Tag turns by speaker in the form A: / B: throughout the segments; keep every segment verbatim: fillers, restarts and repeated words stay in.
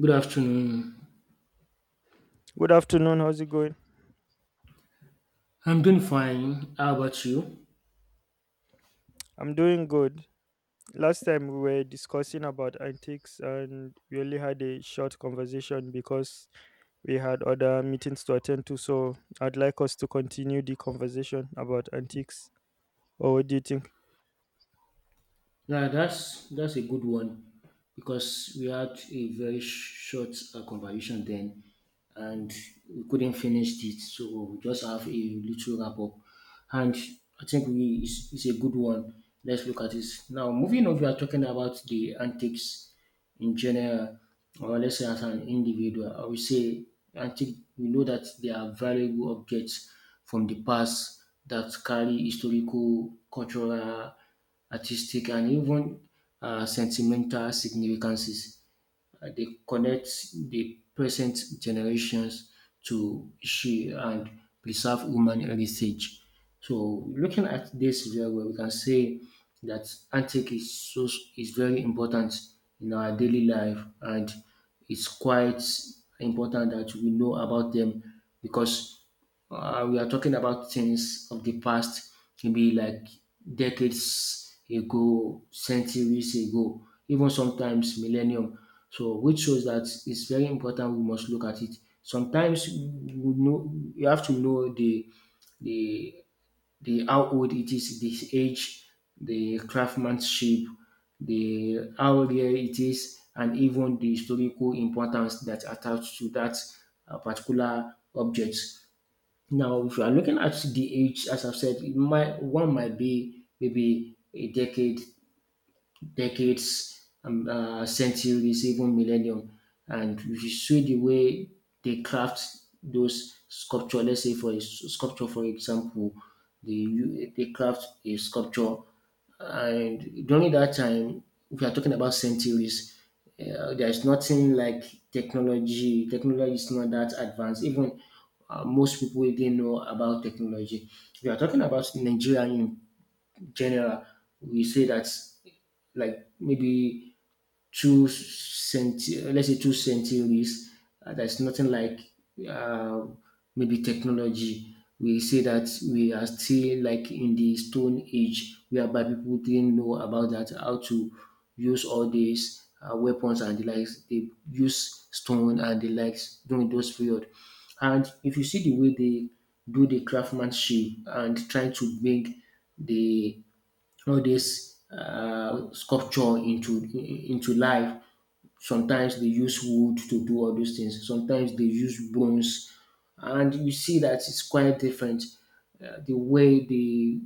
A: Good afternoon.
B: Good afternoon. How's it going?
A: I'm doing fine. How about you?
B: I'm doing good. Last time we were discussing about antiques and we only had a short conversation because we had other meetings to attend to. So I'd like us to continue the conversation about antiques. Or what do you think?
A: Yeah, that's that's a good one because we had a very short uh, conversation then, and we couldn't finish it. So we just have a little wrap up, and I think we it's, it's a good one. Let's look at this now. Moving on, we are talking about the antics in general, or let's say as an individual, I would say I we know that they are valuable objects from the past that carry historical, cultural, artistic, and even uh, sentimental significances. Uh, they connect the present generations to she and preserve human heritage. So looking at this very well, we can say that antique is so is very important in our daily life, and it's quite important that we know about them because uh, we are talking about things of the past, maybe like decades ago, centuries ago, even sometimes millennium. So, which shows that it's very important we must look at it. Sometimes we know you have to know the the the how old it is, the age, the craftsmanship, the how rare it is, and even the historical importance that attached to that uh, particular object. Now, if you are looking at the age, as I've said, it might, one might be maybe a decade decades, um, uh, centuries, even millennium. And if you see the way they craft those sculpture, let's say for a s- sculpture, for example, they u- they craft a sculpture, and during that time, we are talking about centuries. Uh, there is nothing like technology. Technology is not that advanced. Even uh, most people didn't know about technology. We are talking about Nigeria general, we say that like maybe two centi- let's say two centuries. Uh, there's nothing like uh, maybe technology. We say that we are still like in the stone age, whereby people didn't know about that how to use all these uh, weapons and the likes. They use stone and the likes during those period. And if you see the way they do the craftsmanship and trying to bring the all this uh, sculpture into into life. Sometimes they use wood to do all those things. Sometimes they use bones, and you see that it's quite different. Uh, the way they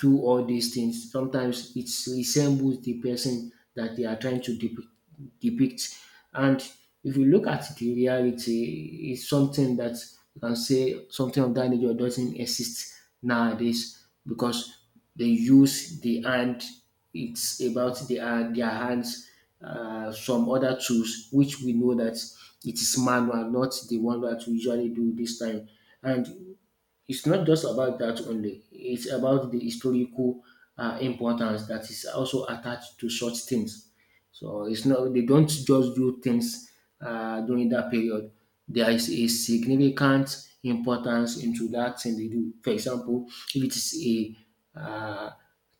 A: through all these things. Sometimes it resembles the person that they are trying to depict. depict. And if you look at the reality, it's something that you can say something of that nature doesn't exist nowadays because they use the hand. It's about the, uh, their hands, uh, some other tools, which we know that it is manual, not the one that we usually do this time. And it's not just about that only. It's about the historical uh, importance that is also attached to such things. So it's not they don't just do things uh, during that period. There is a significant importance into that thing they do. For example, if it is a uh,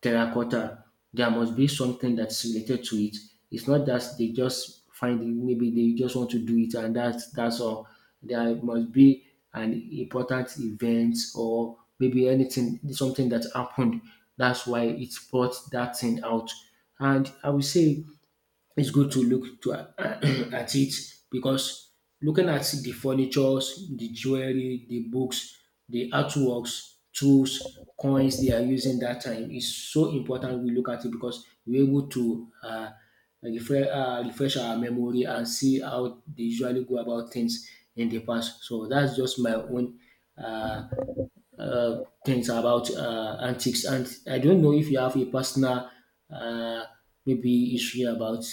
A: terracotta, there must be something that's related to it. It's not that they just find it, maybe they just want to do it and that's that's all. There must be an important event or maybe anything something that happened. That's why it brought that thing out. And I would say it's good to look to at it because looking at the furnitures, the jewelry, the books, the artworks, tools, coins they are using that time is so important we look at it because we're able to uh, refresh, uh, refresh our memory and see how they usually go about things in the past. So that's just my own uh, uh, things about uh, antiques. And I don't know if you have a personal uh, maybe issue about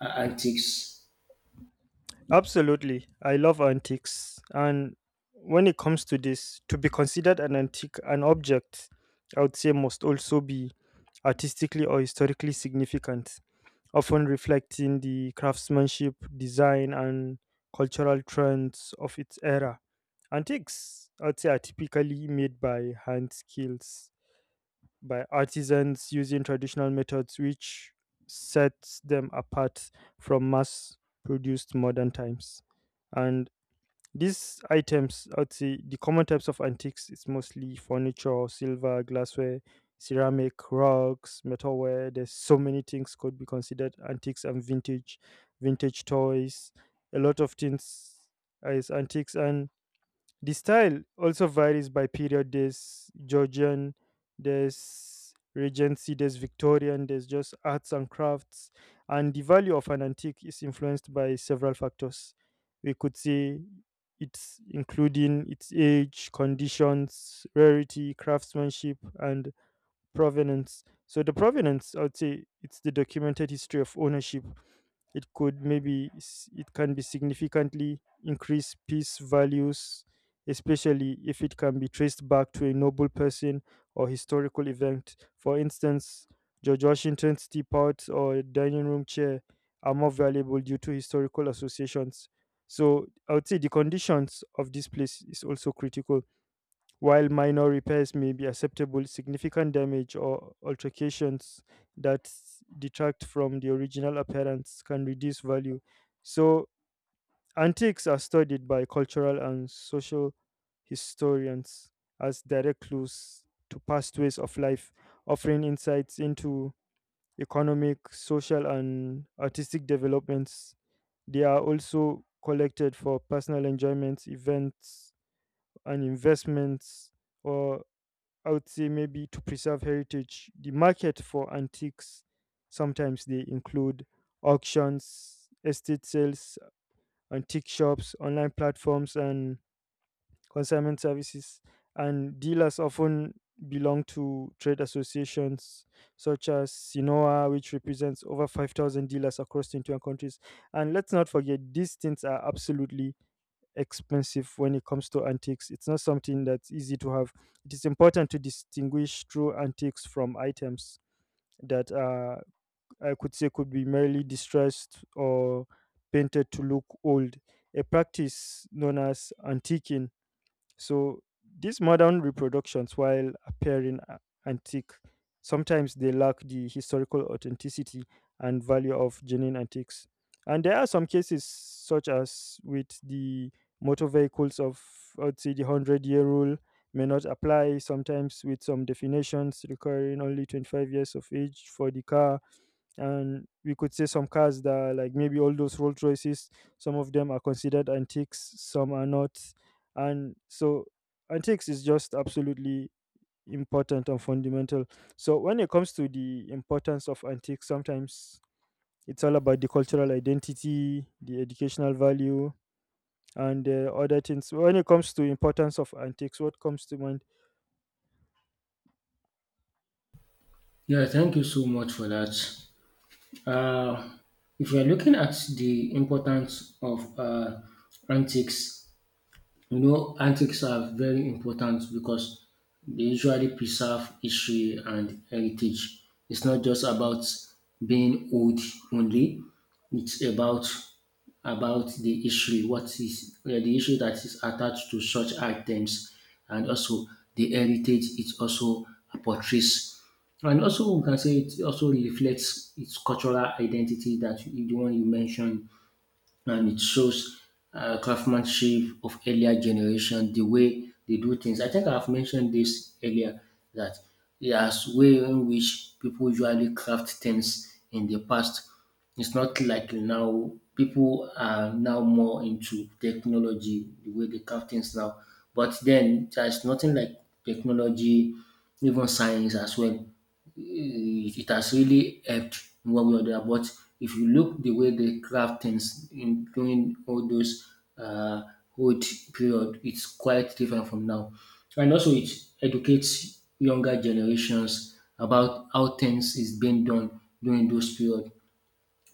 A: uh, antiques.
B: Absolutely. I love antiques. And when it comes to this, to be considered an antique, an object, I would say must also be artistically or historically significant, often reflecting the craftsmanship, design, and cultural trends of its era. Antiques, I'd say, are typically made by hand skills, by artisans using traditional methods, which sets them apart from mass produced modern times. And these items, I would say the common types of antiques is mostly furniture, silver, glassware, ceramic, rugs, metalware. There's so many things could be considered antiques and vintage, vintage toys, a lot of things is antiques and the style also varies by period. There's Georgian, there's Regency, there's Victorian, there's just arts and crafts. And the value of an antique is influenced by several factors. We could say it's including its age, conditions, rarity, craftsmanship, and provenance. So the provenance, I would say, it's the documented history of ownership. It could maybe s- it can be significantly increase peace values, especially if it can be traced back to a noble person or historical event. For instance, George Washington's teapot or dining room chair are more valuable due to historical associations. So I would say the conditions of this place is also critical. While minor repairs may be acceptable, significant damage or alterations that detract from the original appearance can reduce value. So, antiques are studied by cultural and social historians as direct clues to past ways of life, offering insights into economic, social, and artistic developments. They are also collected for personal enjoyments, events, and investments, or I would say maybe to preserve heritage. The market for antiques sometimes they include auctions, estate sales, antique shops, online platforms, and consignment services. And dealers often belong to trade associations such as Sinoa, which represents over five thousand dealers across twenty-one countries. And let's not forget, these things are absolutely expensive when it comes to antiques. It's not something that's easy to have. It is important to distinguish true antiques from items that uh, I could say could be merely distressed or painted to look old. A practice known as antiquing. So these modern reproductions, while appearing a- antique, sometimes they lack the historical authenticity and value of genuine antiques. And there are some cases, such as with the motor vehicles of, I'd say, the hundred year rule may not apply, sometimes with some definitions requiring only twenty-five years of age for the car. And we could say some cars that are like maybe all those Rolls Royces, some of them are considered antiques, some are not. And so antiques is just absolutely important and fundamental. So when it comes to the importance of antiques, sometimes it's all about the cultural identity, the educational value, and uh, other things. When it comes to importance of antiques, what comes to mind?
A: Yeah, thank you so much for that. Uh, if we are looking at the importance of uh, antiques, you know, antiques are very important because they usually preserve history and heritage. It's not just about being old only. It's about about the history, what is uh, the issue that is attached to such items, and also the heritage it also portrays. And also, we can say it also reflects its cultural identity that you- the one you mentioned and it shows uh, craftsmanship of earlier generation, the way they do things. I think I've mentioned this earlier that there's way in which people usually craft things in the past. It's not like now people are now more into technology, the way they craft things now. But then there's nothing like technology, even science as well it it has really helped in one way or the other. But if you look the way they craft things in during all those uh, old period, it's quite different from now. So, and also, it educates younger generations about how things is being done during those period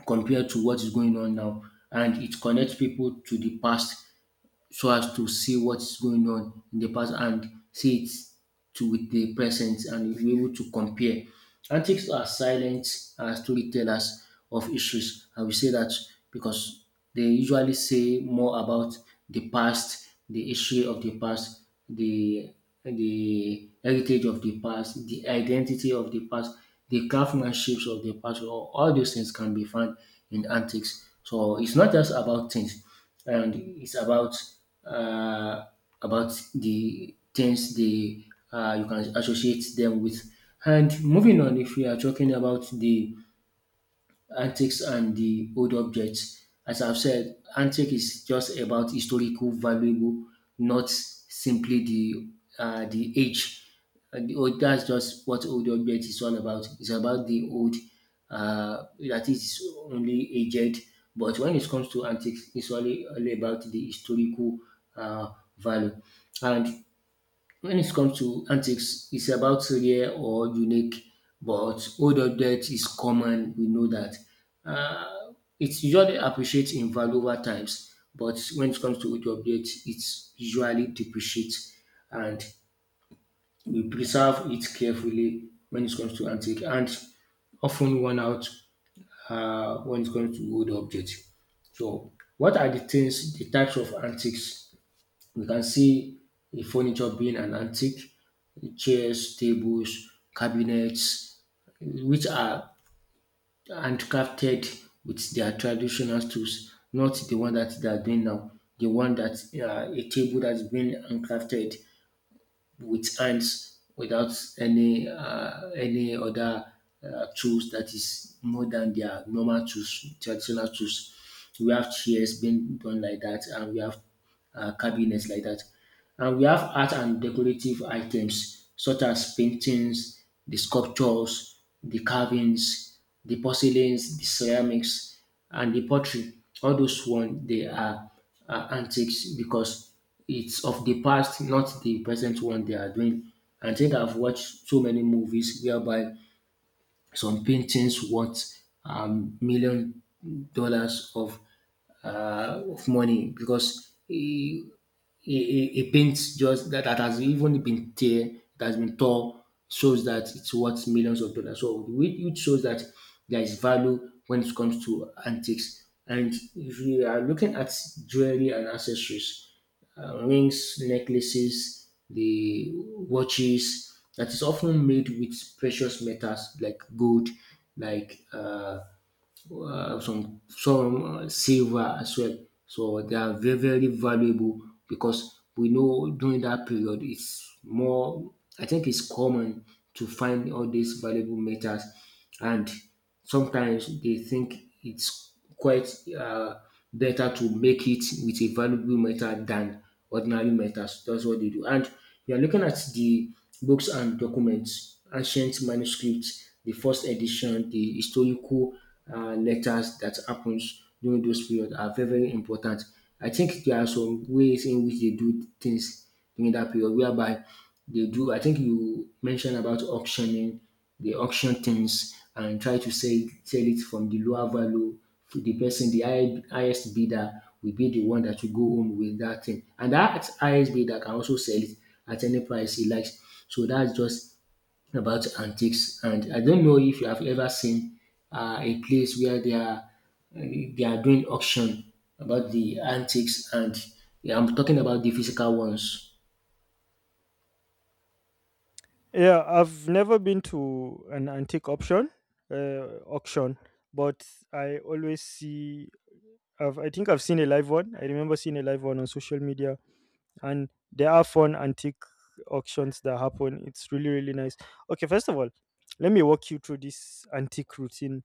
A: compared to what is going on now. And it connects people to the past so as to see what's going on in the past and see it to with the present and you'll be able to compare. Antiques are silent uh, storytellers of issues. I will say that because they usually say more about the past, the history of the past, the the heritage of the past, the identity of the past, the craftsmanships of the past. All, all those things can be found in antiques. So it's not just about things, and it's about uh, about the things they uh, you can associate them with. And moving on, if we are talking about the antiques and the old objects. As I've said, antique is just about historical valuable, not simply the uh, the age. And the old, that's just what old object is all about. It's about the old uh, that is only aged. But when it comes to antiques, it's only, only about the historical uh, value. And when it comes to antiques, it's about rare or unique, but old object is common. We know that. Uh, it's usually appreciates in value over times, but when it comes to old object, it's usually depreciates, and we preserve it carefully when it comes to antique, and often worn out uh, when it comes to old objects. So, what are the things, the types of antiques we can see the furniture being an antique, chairs, tables, cabinets, which are handcrafted with their traditional tools, not the one that they are doing now. The one that uh, a table that's been handcrafted with hands without any uh, any other uh, tools that is more than their normal tools, traditional tools. We have chairs being done like that, and we have uh, cabinets like that. And we have art and decorative items such as paintings, the sculptures, the carvings, the porcelains, the ceramics, and the pottery. All those ones they are uh, antics because it's of the past, not the present one they are doing. I think I've watched so many movies whereby some paintings worth um, million dollars of uh, of money because eh, a, a, a paint just that, that has even been tear that has been torn shows that it's worth millions of dollars. So it which shows that there is value when it comes to antiques. And if you are looking at jewelry and accessories, uh, rings, necklaces, the watches that is often made with precious metals like gold, like uh, uh, some some uh, silver as well. So they are very very valuable because we know during that period it's more. I think it's common to find all these valuable metals, and sometimes they think it's quite uh, better to make it with a valuable metal than ordinary metals. That's what they do, and you are looking at the books and documents, ancient manuscripts, the first edition, the historical uh, letters that happens during those period are very very important. I think there are some ways in which they do things during that period whereby they do. I think you mentioned about auctioning they auction things and try to sell sell it from the lower value to the person, the high, highest bidder will be the one that will go home with that thing. And that highest bidder can also sell it at any price he likes. So that's just about antiques. And I don't know if you have ever seen uh, a place where they are they are doing auction about the antiques, and yeah, I'm talking about the physical ones.
B: Yeah, I've never been to an antique option uh, auction, but I always see. I've, I think I've seen a live one. I remember seeing a live one on social media, and there are fun antique auctions that happen. It's really really nice. Okay, first of all, let me walk you through this antique routine.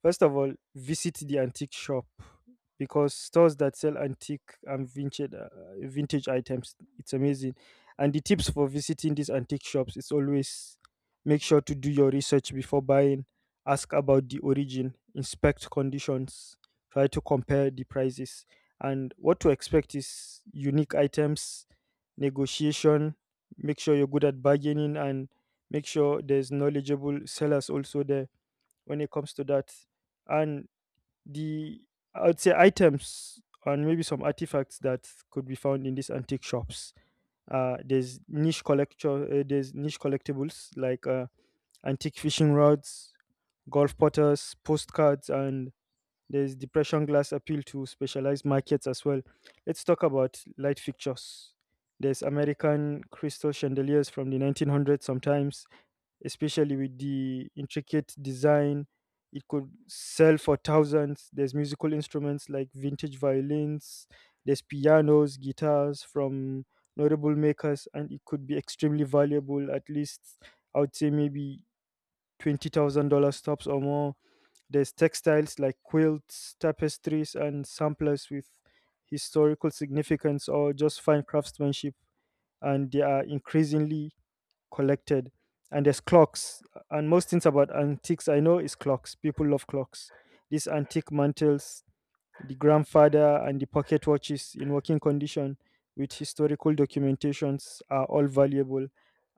B: First of all, visit the antique shop because stores that sell antique and vintage uh, vintage items, it's amazing. And the tips for visiting these antique shops is always make sure to do your research before buying, ask about the origin, inspect conditions, try to compare the prices. And what to expect is unique items, negotiation. Make sure you're good at bargaining and make sure there's knowledgeable sellers also there when it comes to that. And the I would say items and maybe some artifacts that could be found in these antique shops. Uh, there's niche collector, uh, there's niche collectibles like uh, antique fishing rods, golf potters, postcards, and there's depression glass appeal to specialized markets as well. Let's talk about light fixtures. There's American crystal chandeliers from the nineteen hundreds sometimes, especially with the intricate design. It could sell for thousands. There's musical instruments like vintage violins, there's pianos, guitars from notable makers, and it could be extremely valuable, at least I would say maybe twenty thousand dollars tops or more. There's textiles like quilts, tapestries, and samplers with historical significance or just fine craftsmanship, and they are increasingly collected. And there's clocks. And most things about antiques I know is clocks. People love clocks. These antique mantles, the grandfather and the pocket watches in working condition with historical documentations are all valuable,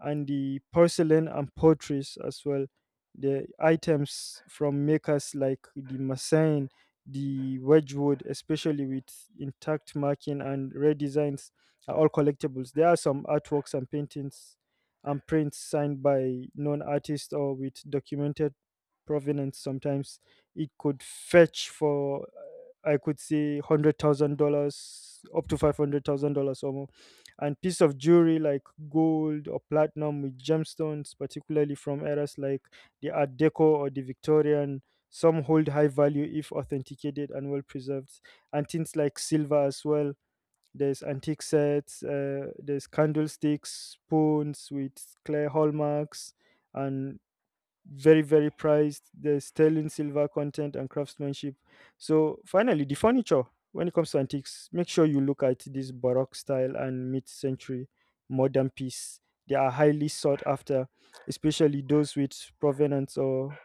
B: and the porcelain and portraits as well. The items from makers like the Massain, the Wedgwood, especially with intact marking and rare designs, are all collectibles. There are some artworks and paintings and prints signed by known artists or with documented provenance. Sometimes it could fetch for I could see hundred thousand dollars up to five hundred thousand dollars or more, and piece of jewelry like gold or platinum with gemstones, particularly from eras like the Art Deco or the Victorian. Some hold high value if authenticated and well preserved, and things like silver as well. There's antique sets, uh, there's candlesticks, spoons with clear hallmarks, and very very prized there's sterling silver content and craftsmanship. So finally the furniture. When it comes to antiques, make sure you look at this baroque style and mid-century modern piece. They are highly sought after, especially those with provenance or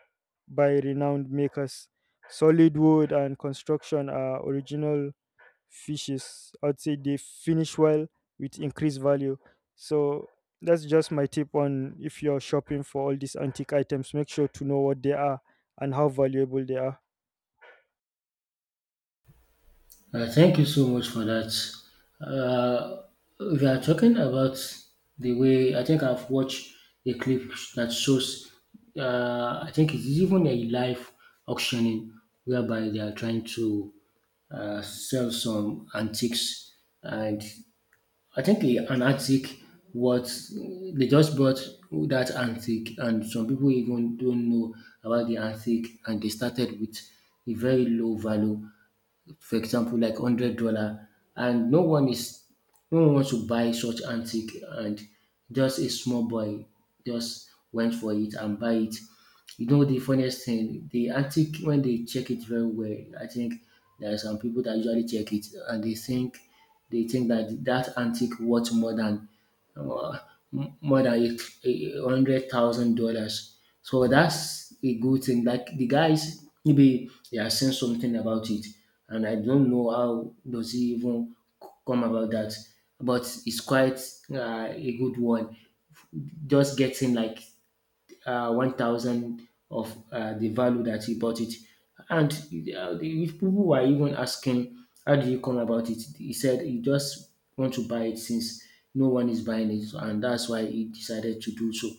B: by renowned makers. Solid wood and construction are original fishes. I'd say they finish well with increased value. So that's just my tip on if you're shopping for all these antique items, make sure to know what they are and how valuable they are.
A: Uh, thank you so much for that. Uh, we are talking about the way I think I've watched a clip that shows, uh, I think it's even a live auctioning whereby they are trying to uh, sell some antiques. And I think a- an antique, what they just bought that antique, and some people even don't know about the antique, and they started with a very low value, for example, like hundred dollar, and no one is no one wants to buy such antique, and just a small boy just went for it and buy it. You know, the funniest thing, the antique, when they check it very well, I think there are some people that usually check it, and they think they think that that antique worth more than uh, m- more than a hundred thousand dollars. So that's a good thing. Like, the guys, maybe they are saying something about it, and I don't know how does he even c- come about that. But it's quite uh, a good one. Just getting like uh, one thousand of uh, the value that he bought it. And uh, the- if people were even asking, how did you come about it? He said he just want to buy it, since no one is buying it, and that's why he decided to do so.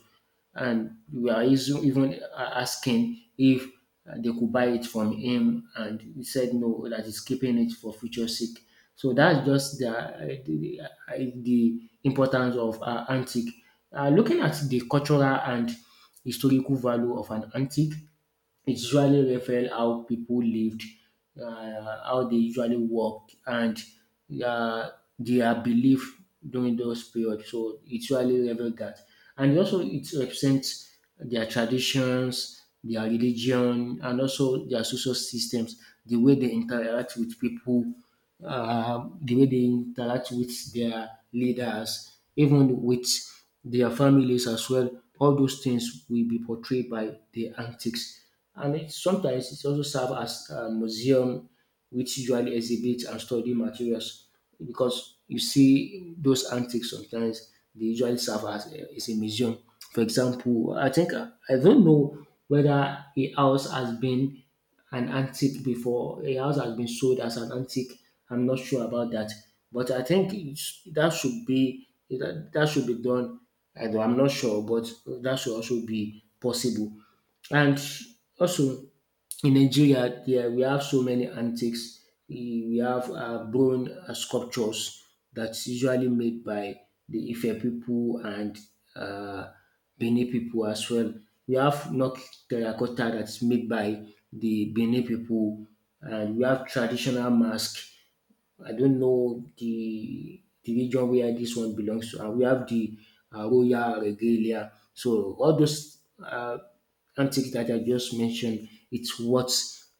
A: And we are isu- even uh, asking if uh, they could buy it from him, and he said no, that he's keeping it for future sake. So that's just the, uh, the, uh, the importance of uh, antique. Uh, looking at the cultural and historical value of an antique. It usually refers how people lived, uh, how they usually worked, and uh, their belief during those periods. So it usually refers that, and also it represents their traditions, their religion, and also their social systems, the way they interact with people, uh, the way they interact with their leaders, even with their families as well. All those things will be portrayed by the antics, and it, sometimes it also serve as a museum, which usually exhibits and study materials. Because you see those antiques, sometimes they usually serve as a, as a museum. For example, I think I don't know whether a house has been an antique before. A house has been sold as an antique. I'm not sure about that, but I think it's, that should be that, that should be done. I do I'm not sure, but that should also be possible. And also, in Nigeria, there we have so many antiques. We we have uh, bronze uh, sculptures that's usually made by the Ife people and uh, Benin people as well. We have knock terracotta that's made by the Benin people, and we have traditional mask. I don't know the the region where this one belongs to. And we have the uh, Royal Regalia. So all those uh, antiques that I just mentioned, it's what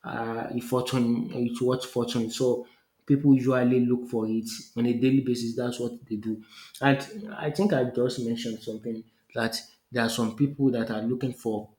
A: uh, a fortune. It's what fortune. So people usually look for it on a daily basis. That's what they do. And I think I just mentioned something that there are some people that are looking for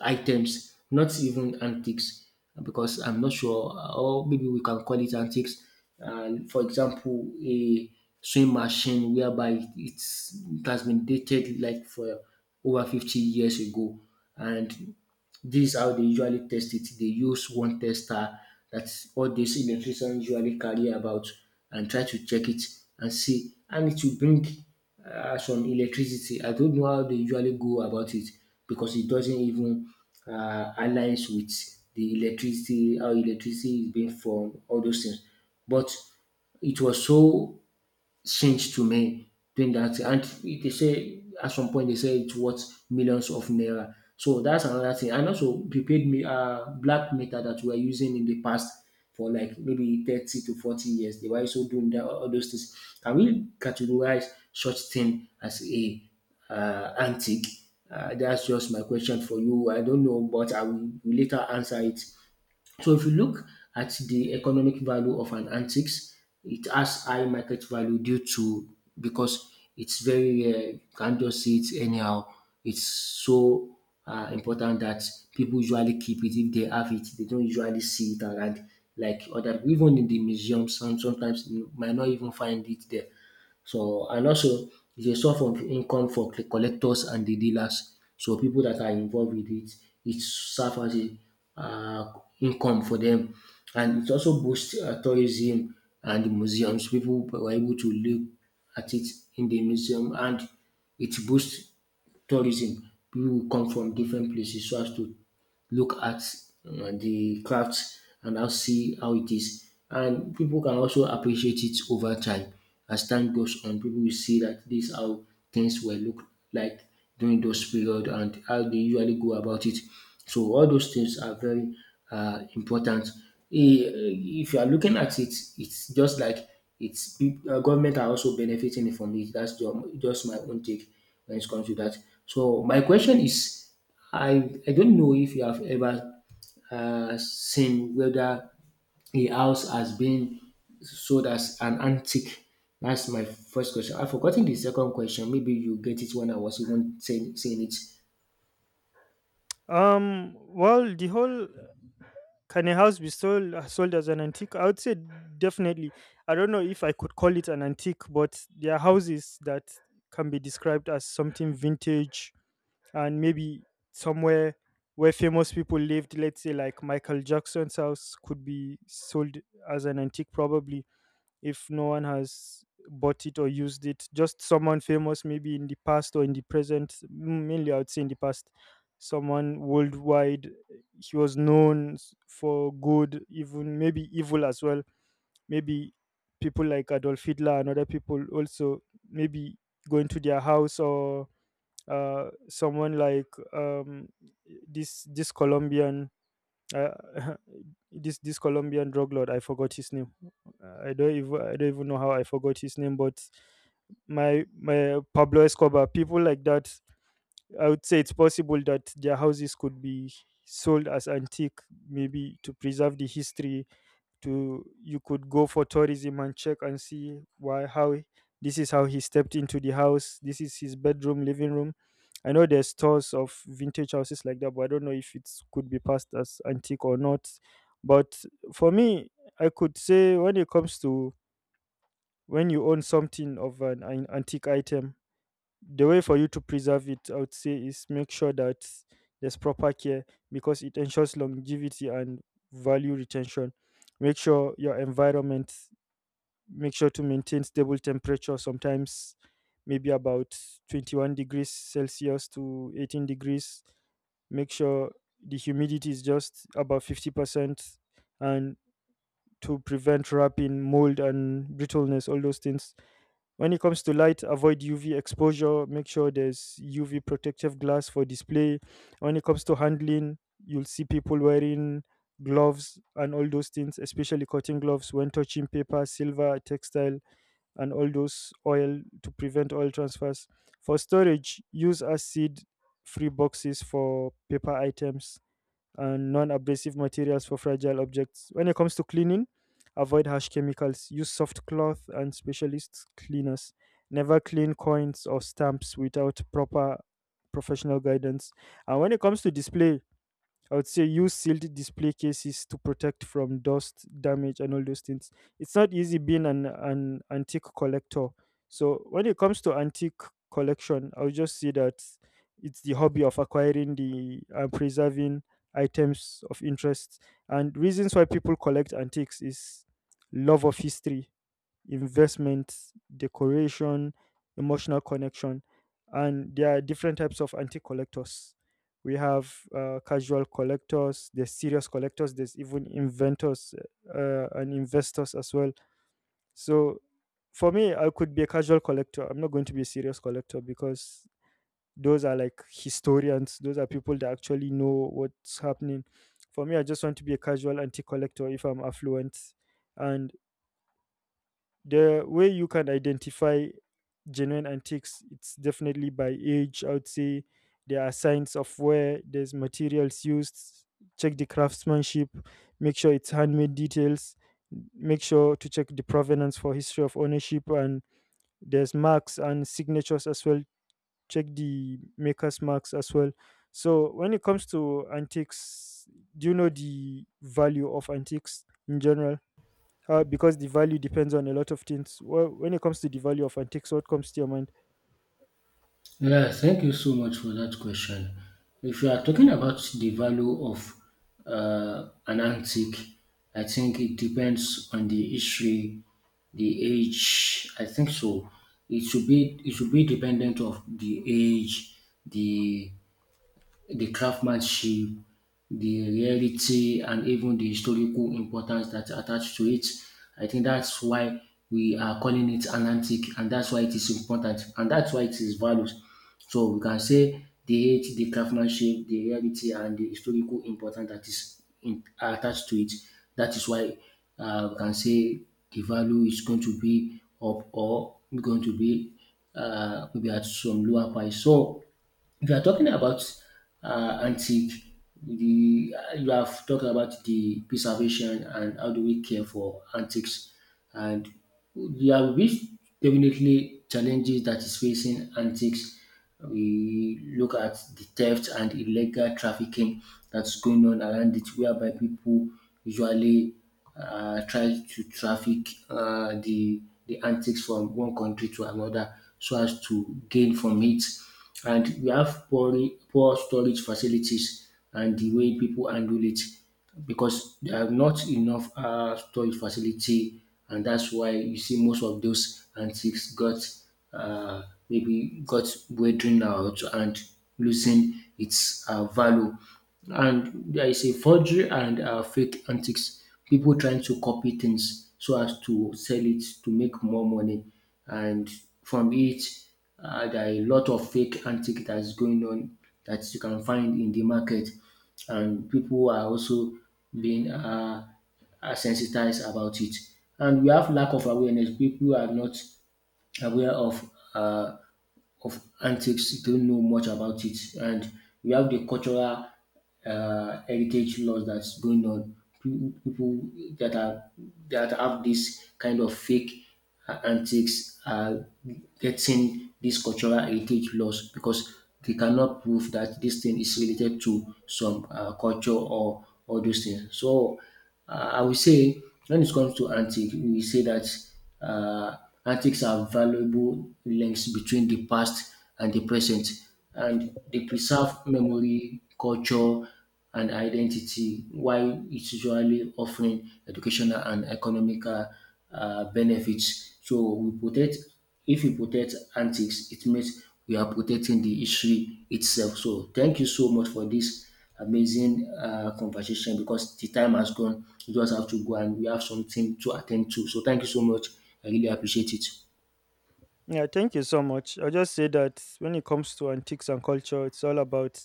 A: items, not even antiques, because I'm not sure, uh, or maybe we can call it antiques. Uh, for example, a sewing machine whereby it's, it has been dated like for over fifty years ago, and this how they usually test it. They use one tester that all these electricians usually carry about, and try to check it and see. And it will bring uh, some electricity. I don't know how they usually go about it, because it doesn't even uh, aligns with the electricity, how electricity is being formed, all those things. But it was so changed to me doing that. And they say at some point they say it's worth millions of naira. So that's another thing. And also prepaid me uh black meter that we are using in the past for like maybe thirty to forty years. They were also doing that, all those things. Can we categorize such thing as a uh, antique? Uh, that's just my question for you. I don't know, but I will, will later answer it. So if you look at the economic value of an antiques, it has high market value due to, because it's very rare. You can't just see it anyhow. It's so uh, important that people usually keep it. If they have it, they don't usually see it around, like other, even in the museum. Some sometimes you might not even find it there. So, and also e dey source of income for the collectors and the dealers. So pipu dat are involve with it, it serve as a um income for dem, and it also boost um tourism and the museums. Pipu were able to look at it in the museum, and it boost tourism. Pipu will come from different places so as to look at uh, the craft and now see how it is. And people can also appreciate it over time. As time goes on, people will see that this is how things were looked like during those period and how they usually go about it. So all those things are very uh, important. I- If you are looking at it, it's just like it's peop- uh, government are also benefiting from it. That's ju- just my own take when it comes to that. So my question is, I I don't know if you have ever uh, seen whether a house has been sold as an antique. That's my first question. I've forgotten the second question. Maybe you get it when I was even saying, saying it.
B: Um, well, the whole can a house be sold uh, sold as an antique? I would say definitely. I don't know if I could call it an antique, but there are houses that can be described as something vintage and maybe somewhere where famous people lived. Let's say like Michael Jackson's house could be sold as an antique probably if no one has bought it or used it. Just someone famous maybe in the past or in the present, m- mainly I would say in the past. Someone worldwide he was known s- for good, even maybe evil as well. Maybe people like Adolf Hitler and other people also maybe going to their house, or uh, someone like um, this this Colombian uh, this this Colombian drug lord. I forgot his name. Uh, I don't even I don't even know how I forgot his name, but my my Pablo Escobar, people like that. I would say it's possible that their houses could be sold as antique, maybe to preserve the history. To you could go for tourism and check and see why how he- this is how he stepped into the house, this is his bedroom, living room. I know there's stores of vintage houses like that, but I don't know if it could be passed as antique or not. But for me, I could say when it comes to when you own something of an, an antique item, the way for you to preserve it, I would say, is make sure that there's proper care because it ensures longevity and value retention. Make sure your environment, make sure to maintain stable temperature, sometimes maybe about twenty-one degrees Celsius to eighteen degrees. Make sure the humidity is just about fifty percent and to prevent wrapping, mold, and brittleness, all those things. When it comes to light, avoid U V exposure. Make sure there's U V protective glass for display. When it comes to handling, you'll see people wearing gloves and all those things, especially cotton gloves when touching paper, silver, textile, and all those oil to prevent oil transfers. For storage, use acid free boxes for paper items and non-abrasive materials for fragile objects. When it comes to cleaning, avoid harsh chemicals. Use soft cloth and specialist cleaners. Never clean coins or stamps without proper professional guidance. And when it comes to display, I would say use sealed display cases to protect from dust, damage, and all those things. It's not easy being an, an antique collector. So when it comes to antique collection, I would just say that it's the hobby of acquiring the and preserving items of interest. And reasons why people collect antiques is love of history, investment, decoration, emotional connection. And there are different types of antique collectors. We have uh, casual collectors, there's serious collectors, there's even inventors uh, and investors as well. So for me, I could be a casual collector. I'm not going to be a serious collector because those are like historians, those are people that actually know what's happening. For me, I just want to be a casual antique collector if I'm affluent. And the way you can identify genuine antiques, it's definitely by age, I would say. There are signs of where there's materials used. Check the craftsmanship. Make sure it's handmade details. Make sure to check the provenance for history of ownership, and there's marks and signatures as well. Check the maker's marks as well. So when it comes to antiques, do you know the value of antiques in general? Uh, because the value depends on a lot of things. Well, when it comes to the value of antiques, what comes to your mind?
A: Yeah, thank you so much for that question. If you are talking about the value of uh, an antique, I think it depends on the history, the age. I think so. It should be it should be dependent of the age, the the craftsmanship, the reality, and even the historical importance that attached to it. I think that's why we are calling it an antique, and that's why it is important, and that's why it is values. So we can say the age, the craftsmanship, the reality, and the historical importance that is in, attached to it. That is why uh, we can say the value is going to be up or going to be uh, maybe at some lower price. So if you are talking about uh, antique, the you have talked about the preservation and how do we care for antiques, and there will be definitely challenges that is facing antiques. We look at the theft and illegal trafficking that's going on around it, whereby people usually uh, try to traffic uh, the the antiques from one country to another so as to gain from it. And we have poor poor storage facilities and the way people handle it, because there are not enough uh, storage facility, and that's why you see most of those antiques got uh, maybe got weathering out and losing its uh, value. And there is a forgery and uh, fake antiques. People trying to copy things so as to sell it to make more money. And from it, uh, there are a lot of fake antique that's going on that you can find in the market. And people are also being uh, are sensitized about it. And we have lack of awareness. People are not aware of uh, of antics, don't know much about it. And we have the cultural uh, heritage laws that's going on. Pe- People that are that have this kind of fake uh, antics are getting these cultural heritage laws, because they cannot prove that this thing is related to some uh, culture or all those things. So uh, I would say, when it comes to antique, we say that uh, antiques are valuable links between the past and the present, and they preserve memory, culture, and identity, while it's usually offering educational and economical uh, benefits. So we protect, if we protect antiques, it means we are protecting the history itself. So thank you so much for this amazing uh, conversation, because the time has gone. You just have to go and we have something to attend to. So thank you so much. I really appreciate it.
B: Yeah, thank you so much. I'll just say that when it comes to antiques and culture, it's all about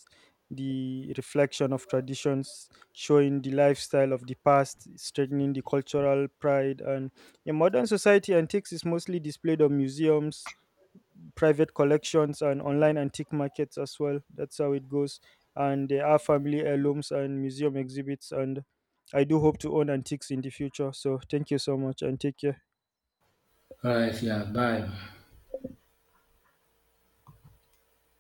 B: the reflection of traditions, showing the lifestyle of the past, strengthening the cultural pride. And in modern society, antiques is mostly displayed on museums, private collections and online antique markets as well. That's how it goes. And there are family heirlooms and museum exhibits. And I do hope to own antiques in the future. So thank you so much and take care.
A: All right, yeah, bye.